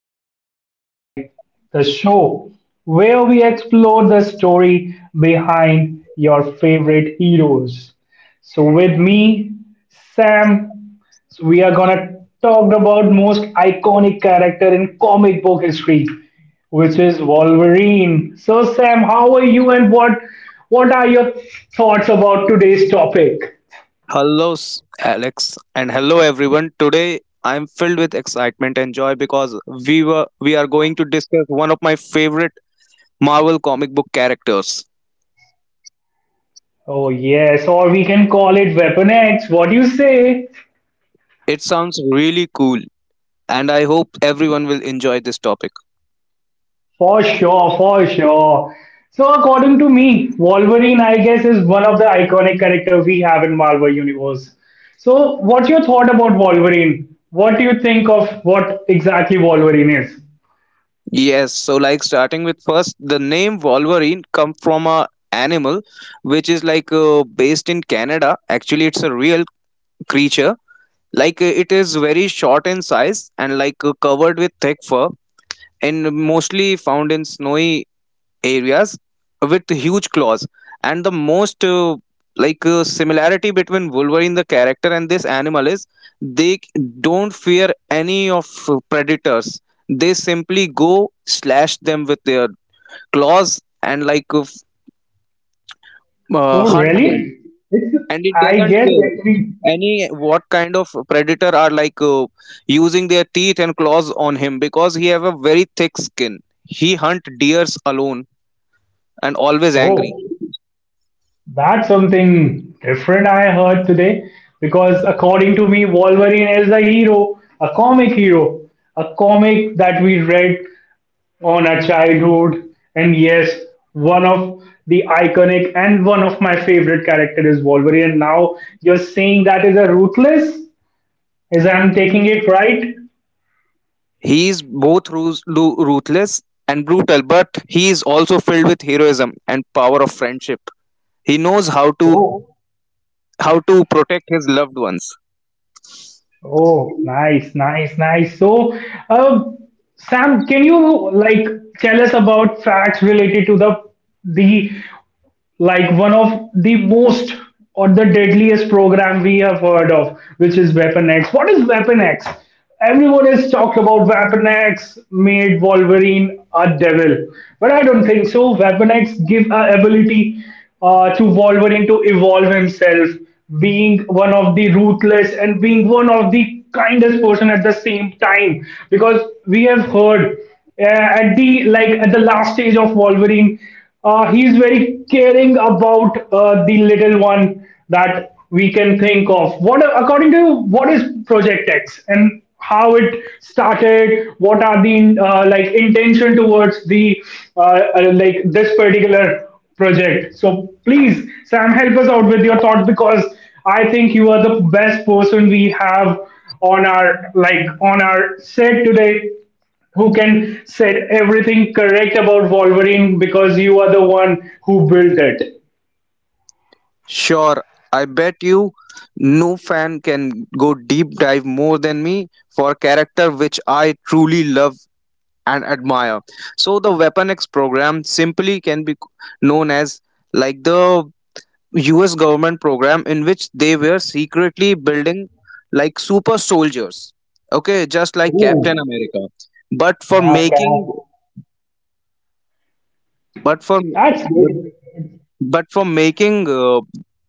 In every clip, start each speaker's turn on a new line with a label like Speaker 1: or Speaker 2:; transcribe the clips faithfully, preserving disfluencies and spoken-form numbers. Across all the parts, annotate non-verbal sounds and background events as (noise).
Speaker 1: Marvel's Deep Dive, the show where we explore the story behind your favorite heroes. So, with me, Sam, so we are gonna talk about most iconic character in comic book history, which is Wolverine. So, Sam, how are you, and what what are your thoughts about today's topic?
Speaker 2: Hello, s- Alex, and hello everyone. Today I am filled with excitement and joy because we were we are going to discuss one of my favorite Marvel comic book characters.
Speaker 1: Oh, yes, or we can call it Weapon X. What do you say?
Speaker 2: It sounds really cool, and I hope everyone will enjoy this topic.
Speaker 1: For sure, for sure. So, according to me, Wolverine, I guess, is one of the iconic characters we have in Marvel Universe. So, what's your thought about Wolverine? What do you think of what exactly Wolverine is?
Speaker 2: Yes, so like starting with first, the name Wolverine come from a animal, which is like uh, based in Canada. Actually, it's a real creature. Like uh, it is very short in size and like uh, covered with thick fur and mostly found in snowy areas with huge claws. And the most uh, like uh, similarity between Wolverine the character and this animal is they c- don't fear any of uh, predators. They simply go slash them with their claws and like uh, f- uh,
Speaker 1: Oh,
Speaker 2: hunt them.
Speaker 1: really? It's,
Speaker 2: And it
Speaker 1: I
Speaker 2: doesn't
Speaker 1: guess, actually.
Speaker 2: care any what kind of predator are like uh, using their teeth and claws on him because he have a very thick skin. He hunt deers alone and always angry.
Speaker 1: Oh. That's something different I heard today because according to me, Wolverine is a hero, a comic hero, a comic that we read on our childhood. And yes, one of the iconic and one of my favorite character is Wolverine. And now you're saying that is a ruthless? Is I'm taking it right?
Speaker 2: He is both rus- lu- ruthless and brutal, but he is also filled with heroism and power of friendship. He knows how to
Speaker 1: Oh,
Speaker 2: how to protect his loved ones.
Speaker 1: oh, nice, nice, nice. So, um, Sam, can you like tell us about facts related to the the like one of the most or the deadliest program we have heard of, which is Weapon X. What is Weapon X? Everyone has talked about Weapon X made Wolverine a devil, but I don't think so. Weapon X give a ability uh, to Wolverine to evolve himself, being one of the ruthless and being one of the kindest person at the same time, because we have heard uh, at the like at the last stage of Wolverine, uh, he's very caring about uh, the little one that we can think of. What according to you, what is Project X and how it started? What are the uh, like intention towards the uh, uh, like this particular project? So please, Sam, help us out with your thoughts because I think you are the best person we have on our like on our set today who can said everything correct about Wolverine because you are the one who built it.
Speaker 2: Sure, I bet you no fan can go deep dive more than me for a character which I truly love and admire. So the Weapon X program simply can be known as like the U S government program in which they were secretly building like super soldiers. Okay, just like Captain
Speaker 1: Ooh,
Speaker 2: America. But for
Speaker 1: yeah,
Speaker 2: making
Speaker 1: Cap.
Speaker 2: but for
Speaker 1: That's good.
Speaker 2: But for making uh,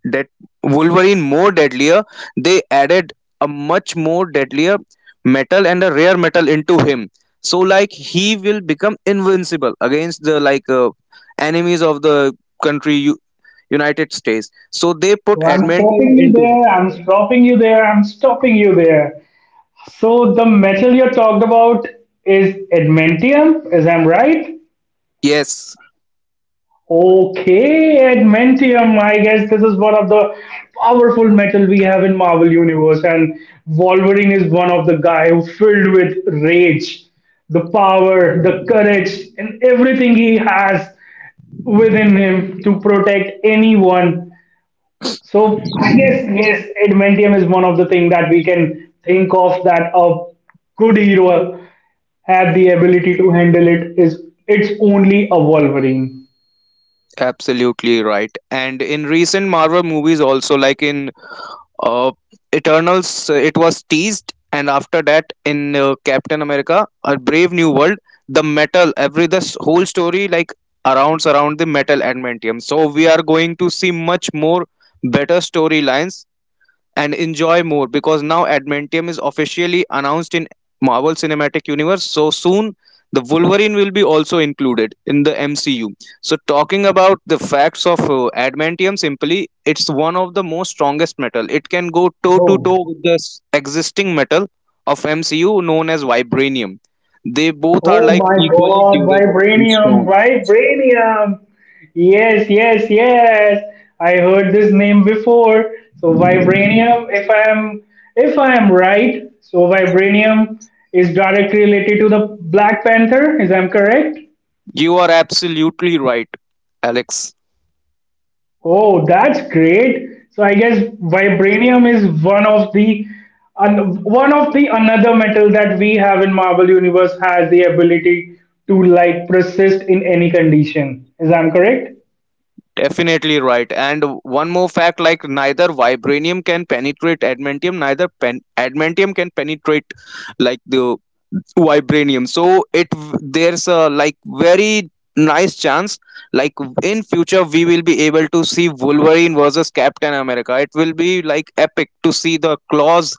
Speaker 2: that Wolverine more deadlier, they added a much more deadlier metal and a rare metal into him. So like he will become invincible against the like uh, enemies of the country U- United States. So they put
Speaker 1: So I'm
Speaker 2: adamantium
Speaker 1: stopping you
Speaker 2: into
Speaker 1: there.
Speaker 2: him.
Speaker 1: I'm stopping you there. I'm stopping you there. So the metal you talked about is adamantium, is I'm right?
Speaker 2: Yes,
Speaker 1: Okay, Adamantium. I guess this is one of the powerful metal we have in Marvel Universe, and Wolverine is one of the guy who filled with rage, the power, the courage, and everything he has within him to protect anyone. So I guess yes, Adamantium is one of the thing that we can think of that a good hero had the ability to handle it is it's only a Wolverine.
Speaker 2: absolutely right. And in recent Marvel movies also like in uh, Eternals, uh, it was teased, and after that, in uh, Captain America, A Brave New World, the metal, every this whole story like arounds around the metal adamantium. So we are going to see much more better storylines and enjoy more because now Adamantium is officially announced in Marvel Cinematic Universe. So soon the Wolverine will be also included in the M C U. So talking about the facts of uh, Adamantium simply it's one of the most strongest metal. It can go toe to
Speaker 1: Oh,
Speaker 2: toe with the s- existing metal of M C U known as vibranium. They both are
Speaker 1: oh
Speaker 2: like
Speaker 1: my
Speaker 2: equally
Speaker 1: god,
Speaker 2: durable and
Speaker 1: Vibranium,
Speaker 2: strong.
Speaker 1: Vibranium! Yes, yes, yes. I heard this name before. So Vibranium, if I am if I am right, so Vibranium is directly related to the Black Panther, is I'm correct?
Speaker 2: You are absolutely right, Alex.
Speaker 1: Oh, that's great. So I guess vibranium is one of the un, one of the another metal that we have in Marvel Universe has the ability to like persist in any condition. Is I'm correct?
Speaker 2: Definitely right. And one more fact like neither vibranium can penetrate adamantium, neither pen- adamantium can penetrate like the vibranium. So it there's a like very nice chance like in future we will be able to see Wolverine versus Captain America. It will be like epic to see the claws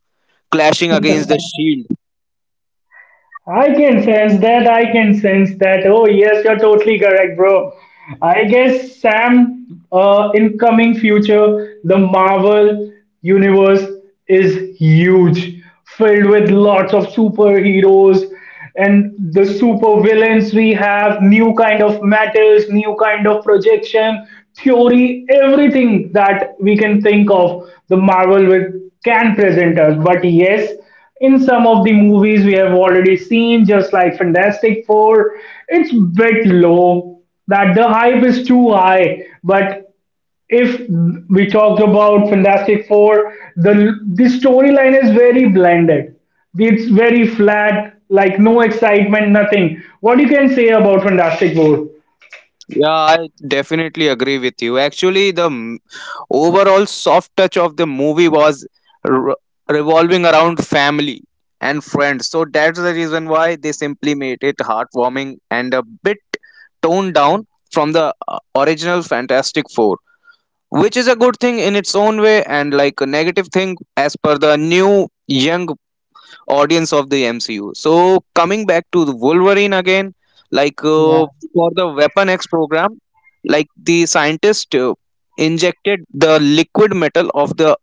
Speaker 2: clashing against the shield.
Speaker 1: I can sense that. I can sense that. Oh, yes, you're totally correct, bro. I guess Sam, uh, in coming future, the Marvel universe is huge, filled with lots of superheroes and the super villains. We have new kind of metals, new kind of projection, theory, everything that we can think of. The Marvel will can present us. But yes, in some of the movies we have already seen, just like Fantastic Four, it's bit low. That the hype is too high. But if we talked about Fantastic Four, the the storyline is very blended. It's very flat, like no excitement, nothing. What you can say about Fantastic Four?
Speaker 2: Yeah, I definitely agree with you. Actually, the m- overall soft touch of the movie was re- revolving around family and friends. So that's the reason why they simply made it heartwarming and a bit toned down from the uh, original Fantastic Four, which is a good thing in its own way and like a negative thing as per the new young audience of the M C U. So coming back to the Wolverine again, like uh,
Speaker 1: Yeah.
Speaker 2: for the Weapon X program, like the scientist uh, injected the liquid metal of the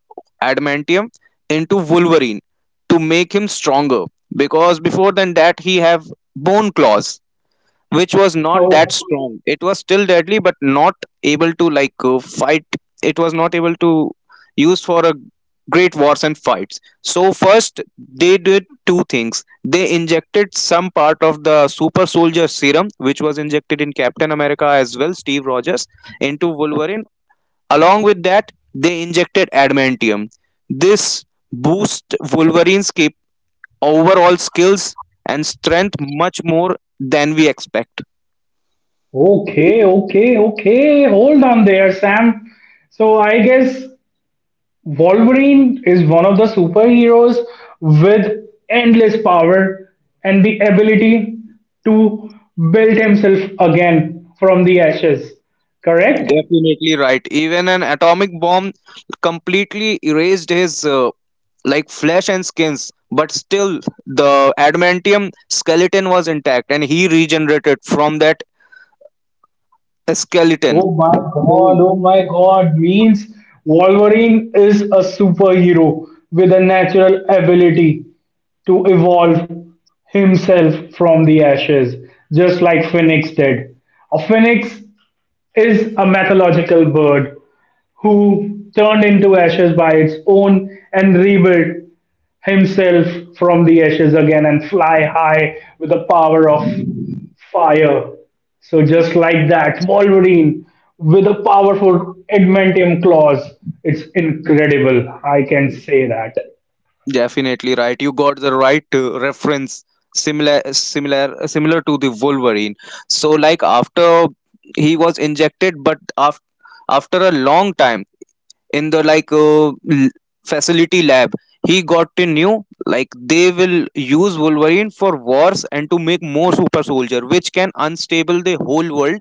Speaker 2: adamantium into Wolverine to make him stronger because before than that he have bone claws which was not that
Speaker 1: Oh,
Speaker 2: strong. It was still deadly, but not able to like uh, fight. It was not able to use for a great wars and fights. So first, they did two things. They injected some part of the super soldier serum, which was injected in Captain America as well, Steve Rogers, into Wolverine. Along with that, they injected adamantium. This boost Wolverine's cap- overall skills and strength much more than we expect.
Speaker 1: okay, okay, okay. Hold on there, Sam. So I guess Wolverine is one of the superheroes with endless power and the ability to build himself again from the ashes. Correct?
Speaker 2: Definitely right. Even an atomic bomb completely erased his uh, like flesh and skins, but still the adamantium skeleton was intact and he regenerated from that skeleton
Speaker 1: Oh my god,
Speaker 2: whole.
Speaker 1: oh my god, means Wolverine is a superhero with a natural ability to evolve himself from the ashes, just like Phoenix did. A phoenix is a mythological bird who turned into ashes by its own and rebuilt himself from the ashes again and fly high with the power of fire. So just like that, Wolverine with a powerful adamantium claws. It's incredible. I can say that.
Speaker 2: Definitely right. You got the right uh, reference similar similar similar to the Wolverine. So like after he was injected but after after a long time in the like uh, l- facility lab he got to knew like they will use wolverine for wars and to make more super soldier which can unstable the whole world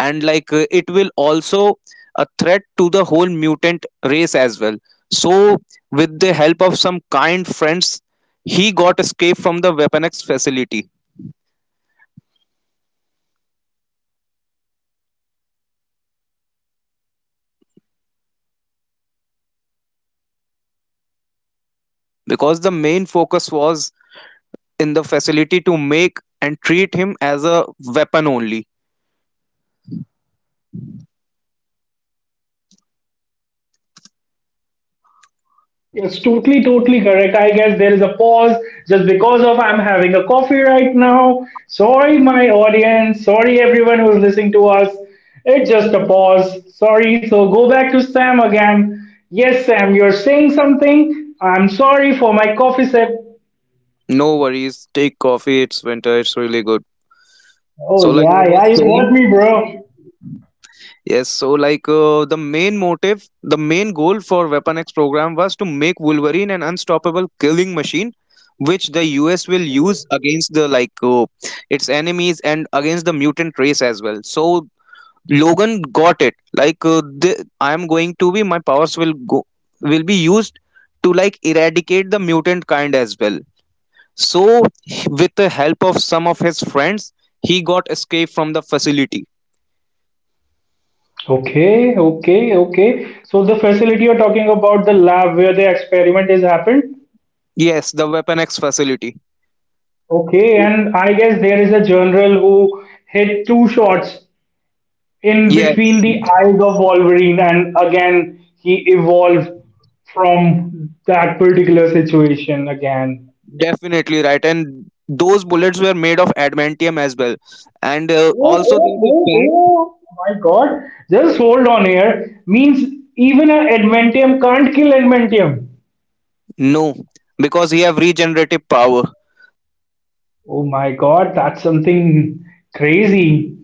Speaker 2: and like uh, it will also a threat to the whole mutant race as well, so with the help of some kind friends he got escape from the weapon x facility because the main focus was in the facility to make and treat him as a weapon only.
Speaker 1: Yes, totally, totally correct. I guess there is a pause just because of I'm having a coffee right now. Sorry, my audience. Sorry, everyone who's listening to us. It's just a pause. Sorry. So go back to Sam again. Yes, Sam, you're saying something. I'm sorry for my coffee sip.
Speaker 2: No worries, take coffee. It's winter, it's really good.
Speaker 1: Oh
Speaker 2: So, like I
Speaker 1: yeah, yeah,
Speaker 2: was
Speaker 1: you got
Speaker 2: saying,
Speaker 1: me, bro.
Speaker 2: yes, so like uh, the main motive, the main goal for Weapon X program was to make Wolverine an unstoppable killing machine, which the U S will use against the like uh, its enemies and against the mutant race as well. So, Logan got it. Like, uh, the, I am going to be, my powers will go, will be used to like eradicate the mutant kind as well. So, with the help of some of his friends, he got escaped from the facility.
Speaker 1: Okay, okay, okay. So the facility you're talking about, the lab where the experiment has happened.
Speaker 2: Yes, the Weapon X facility.
Speaker 1: Okay, and I guess there is a general who hit two shots in between
Speaker 2: Yes,
Speaker 1: the eyes of Wolverine, and again he evolved from that particular situation again.
Speaker 2: definitely right. And those bullets were made of adamantium as well. And uh,
Speaker 1: Oh,
Speaker 2: also,
Speaker 1: oh,
Speaker 2: there's a
Speaker 1: oh,
Speaker 2: fact,
Speaker 1: oh! My God! Just hold on here. Means even an Adamantium can't kill Adamantium.
Speaker 2: no, because he have regenerative power.
Speaker 1: Oh my God! That's something crazy.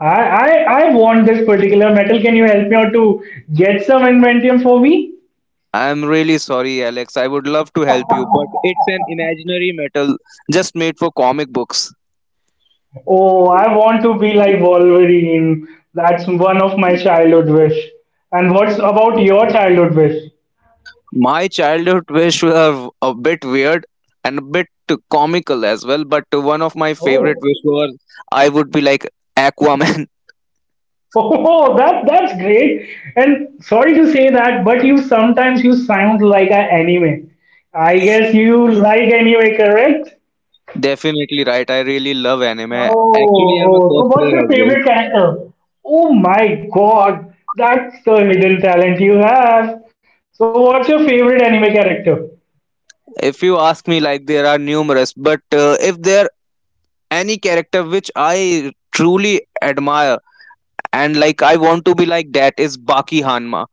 Speaker 1: I I I want this particular metal. Can you help me out to get some Adamantium for me?
Speaker 2: I'm really sorry, Alex. I would love to help you, but it's an imaginary metal just made for comic books.
Speaker 1: Oh, I want to be like Wolverine. That's one of my childhood wish. And what's about your childhood wish?
Speaker 2: My childhood wish were a bit weird and a bit comical as well, but one of my favorite
Speaker 1: Oh,
Speaker 2: wish was I would be like Aquaman.
Speaker 1: oh, (laughs) that that's great. And sorry to say that, but you sometimes you sound like an anime. I guess you like anime, correct?
Speaker 2: (laughs) Definitely right. I really love anime.
Speaker 1: Oh,
Speaker 2: Actually, I'm a
Speaker 1: oh. So what's
Speaker 2: cosplayer
Speaker 1: your
Speaker 2: as well.
Speaker 1: favorite character? Oh my God, that's the hidden talent you have. So, what's your favorite anime character?
Speaker 2: If you ask me, like there are numerous, but uh, if there any character which I truly admire and like I want to be like that is Baki Hanma.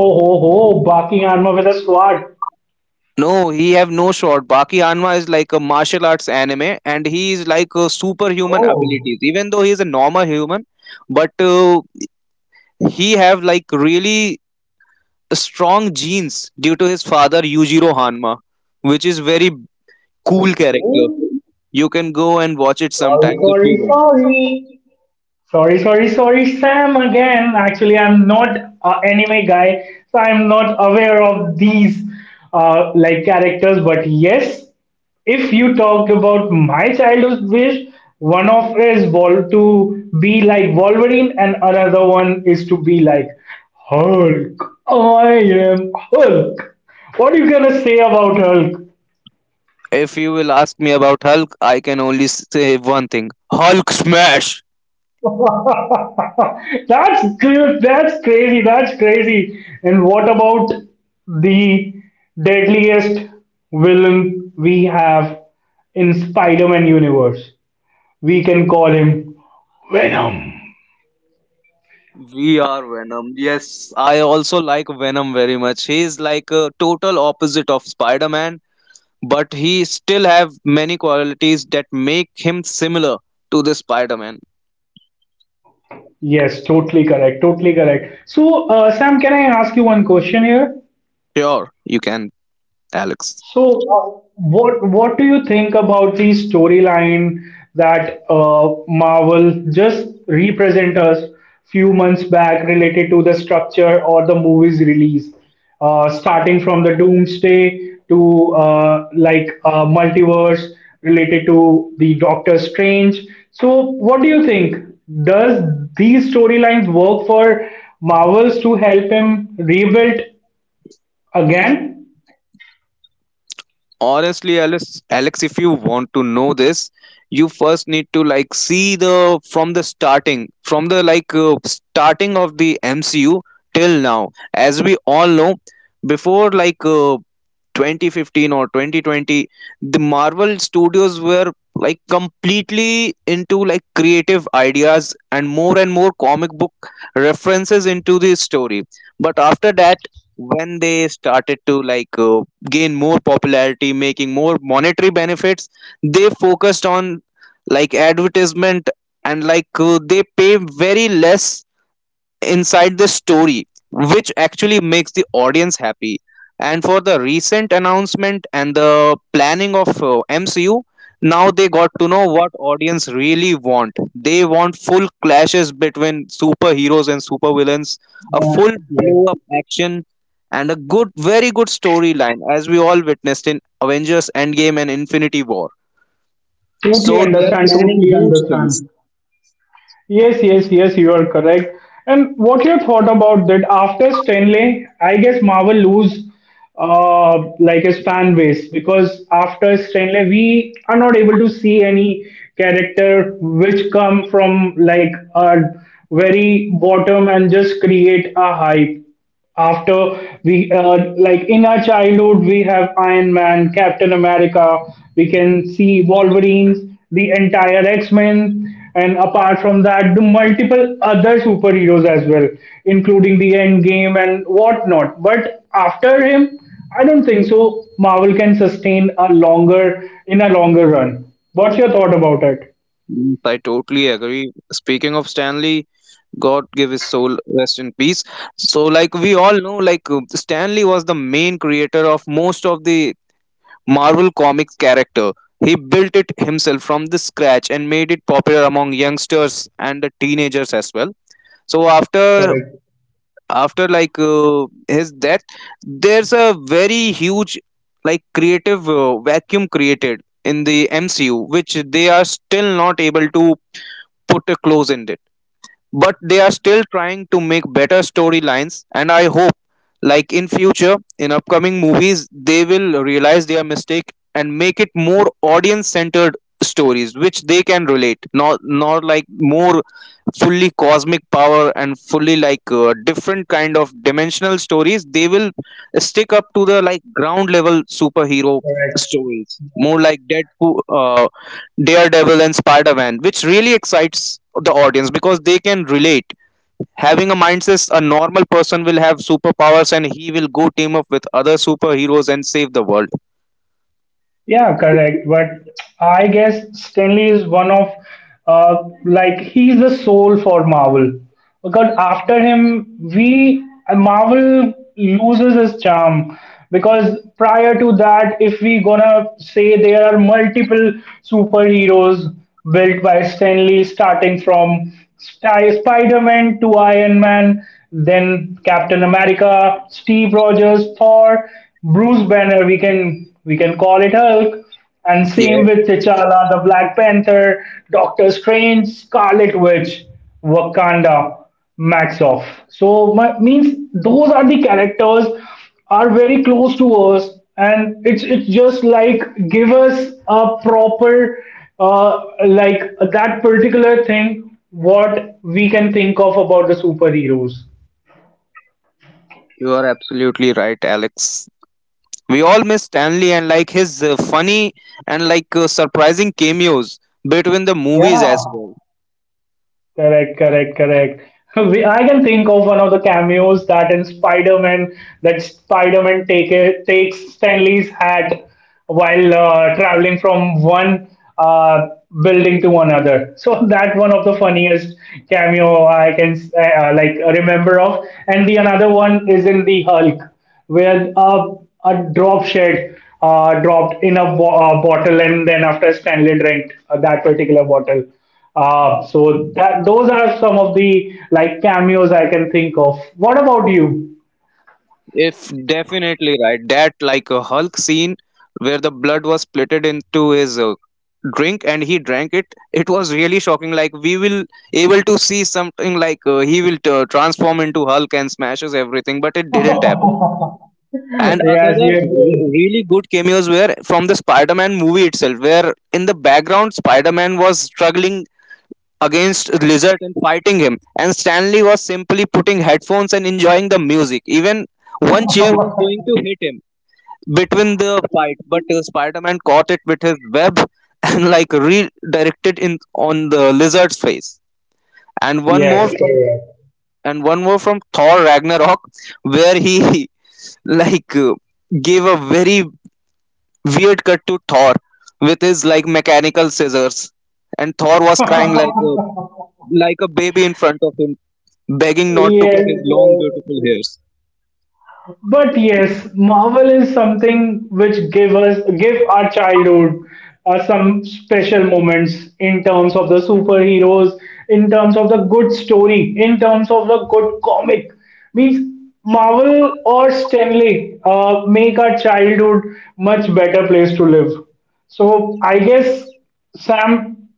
Speaker 1: Oh ho ho, barking armor with a sword.
Speaker 2: No, he have no shot. Baki Hanma is like a martial arts anime, and he is like a superhuman
Speaker 1: Oh,
Speaker 2: abilities. Even though he is a normal human, but uh, he have like really strong genes due to his father Yujiro Hanma, which is very cool character.
Speaker 1: okay.
Speaker 2: You can go and watch it
Speaker 1: Sorry,
Speaker 2: sometimes if
Speaker 1: sorry,
Speaker 2: you want.
Speaker 1: sorry. Sorry, sorry, sorry, Sam again. Actually, I'm not an anime guy, so I'm not aware of these uh, like characters. But yes, if you talked about my childhood wish, one of is Vol to be like Wolverine, and another one is to be like Hulk. I am Hulk. What are you gonna say about Hulk?
Speaker 2: If you will ask me about Hulk, I can only say one thing: Hulk smash.
Speaker 1: (laughs) That's cra- that's crazy. That's crazy. And what about the deadliest villain we have in Spider-Man universe? We can call him Venom.
Speaker 2: We are Venom. Yes, I also like Venom very much. He is like a total opposite of Spider-Man, but he still have many qualities that make him similar to the Spider-Man.
Speaker 1: Yes, totally correct. Totally correct. So, uh, Sam, can I ask you one question here?
Speaker 2: Sure, you can, Alex.
Speaker 1: So, uh, what what do you think about the storyline that uh, Marvel just represent us few months back related to the structure or the movie's release, uh, starting from the Doomsday to uh, like uh, multiverse related to the Doctor Strange. So, what do you think? Does these storylines work for Marvels to help him rebuild again?
Speaker 2: Honestly, alex alex if you want to know this you first need to like see the from the starting from the like uh, starting of the MCU till now. As we all know, before like uh, twenty fifteen or twenty twenty the Marvel studios were like completely into like creative ideas and more and more comic book references into the story, but after that when they started to like uh, gain more popularity, making more monetary benefits. They focused on like advertisement and like uh, they pay very less inside the story, which actually makes the audience happy. And for the recent announcement and the planning of uh, M C U, now they got to know what audience really want. They want full clashes between superheroes and supervillains, a full
Speaker 1: Yes.
Speaker 2: blow up action, and a good, very good storyline, as we all witnessed in Avengers Endgame and Infinity War.
Speaker 1: Totally
Speaker 2: So they are
Speaker 1: understand,
Speaker 2: planning
Speaker 1: totally
Speaker 2: huge things.
Speaker 1: understand. Yes, yes, yes, you are correct. And what your thought about that after Stanley, I guess Marvel lose uh, like his fan base because after Stanley, we are not able to see any character which come from like a very bottom and just create a hype after we uh, like in our childhood we have Iron Man, Captain America, we can see Wolverines, the entire X-Men, and apart from that the multiple other superheroes as well, including the end game and whatnot. But after him, I don't think so Marvel can sustain a longer in a longer run. What's your thought about it?
Speaker 2: Yes, I totally agree. Speaking of Stanley, God give his soul rest in peace. So, like we all know, like uh, Stanley was the main creator of most of the Marvel comics character. He built it himself from the scratch and made it popular among youngsters and the teenagers as well. So after after like uh, his death, there's a very huge like creative uh, vacuum created in the M C U, which they are still not able to put a close in, but they are still trying to make better storylines, and I hope like in future in upcoming movies they will realize their mistake and make it more audience centered stories which they can relate, not not like more fully cosmic power and fully like uh, different kind of dimensional stories. They will stick up to the like ground level superhero stories, more like Deadpool, uh, Daredevil and Spider-Man, which really excites the audience because they can relate, having a mindset a normal person will have superpowers and he will go team up with other superheroes and save the world.
Speaker 1: Yeah, correct. But I guess Stanley is one of, uh, like, he's the soul for Marvel. Because after him, we, uh, Marvel loses its charm. Because prior to that, if we gonna say there are multiple superheroes built by Stanley, starting from Spider-Man to Iron Man, then Captain America, Steve Rogers, Thor, Bruce Banner. We can we can call it Hulk, and same
Speaker 2: Yeah,
Speaker 1: with T'Challa, the Black Panther, Doctor Strange, Scarlet Witch, Wakanda. Max off. So my, means those are the characters are very close to us, and it's it's just like give us a proper uh, like that particular thing what we can think of about the superheroes.
Speaker 2: you are absolutely right, Alex. We all miss Stanley and like his uh, funny and like uh, surprising cameos between the
Speaker 1: Yeah,
Speaker 2: movies as well.
Speaker 1: correct, correct, correct. (laughs) We, I can think of one of the cameos that in Spider-Man, that Spider-Man take it, takes Stanley's hat while uh, traveling from one uh, building to another. So (laughs) that one of the funniest cameo I can uh, uh, like remember of. And the another one is in the Hulk where uh, a drop shed uh, dropped in a bo- uh, bottle and then after Stanley drank uh, that particular bottle. Uh, so that those are some of the like cameos I can think of. What about you?
Speaker 2: If definitely right, that like a Hulk scene where the blood was splitted into his uh, drink and he drank it. It was really shocking. Like we will able to see something like uh, he will t- transform into Hulk and smashes everything, but it didn't happen.
Speaker 1: (laughs) Yes,
Speaker 2: And another
Speaker 1: yes,
Speaker 2: re-
Speaker 1: yes.
Speaker 2: really good cameos were from the Spider-Man movie itself, where in the background Spider-Man was struggling against Lizard and fighting him, and Stanley was simply putting headphones and enjoying the music. Even one
Speaker 1: (laughs)
Speaker 2: chair was going to hit him between the fight, but uh, Spider-Man caught it with his web (laughs) and like redirected in on the Lizard's face. And one more
Speaker 1: Yes,
Speaker 2: from and one more from Thor Ragnarok, where he (laughs) like uh, gave a very weird cut to Thor with his like mechanical scissors, and Thor was
Speaker 1: correct.
Speaker 2: crying like a,
Speaker 1: (laughs)
Speaker 2: like a baby in front of him begging not to cut
Speaker 1: Yes,
Speaker 2: his long,
Speaker 1: yes.
Speaker 2: beautiful hairs.
Speaker 1: But yes, Marvel is something which give us give our childhood uh, some special moments in terms of the superheroes, in terms of the good story, in terms of the good comic. Means Marvel or Stanley uh, make our childhood much better place to live. So I guess Sam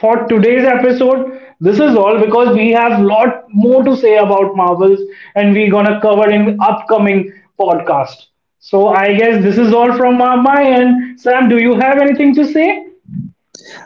Speaker 1: for today's episode. This is all because we have lot more to say about Marvels and we're gonna cover in upcoming podcast. So I guess this is all from uh, my end. Sam, do you have anything to say?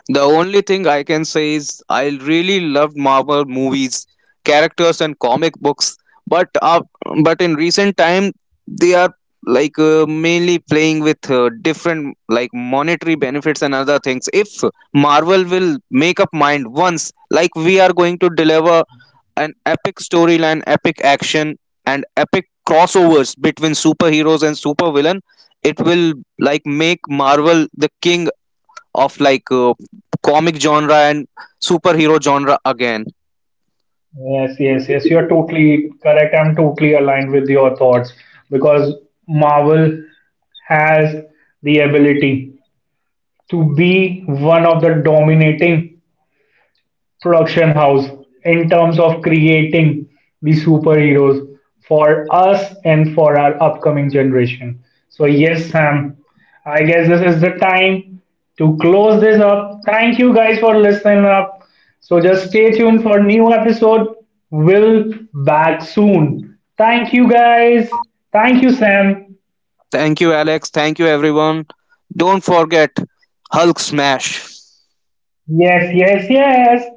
Speaker 2: The only thing I can say is I really loved Marvel movies, characters, and comic books, but uh, but in recent time they are like uh, mainly playing with uh, different like monetary benefits and other things. If Marvel will make up mind once, like we are going to deliver an epic storyline, epic action, and epic crossovers between superheroes and supervillain, it will like make Marvel the king of like uh, comic genre and superhero genre again.
Speaker 1: Yes, yes, yes. You're totally correct. I'm totally aligned with your thoughts because Marvel has the ability to be one of the dominating production house in terms of creating the superheroes for us and for our upcoming generation. So, yes, Sam, I guess this is the time to close this up. Thank you guys for listening up. So, just stay tuned for new episode. We'll back soon. Thank you guys. Thank you, Sam.
Speaker 2: Thank you, Alex. Thank you, everyone. Don't forget Hulk Smash.
Speaker 1: Yes, yes, yes.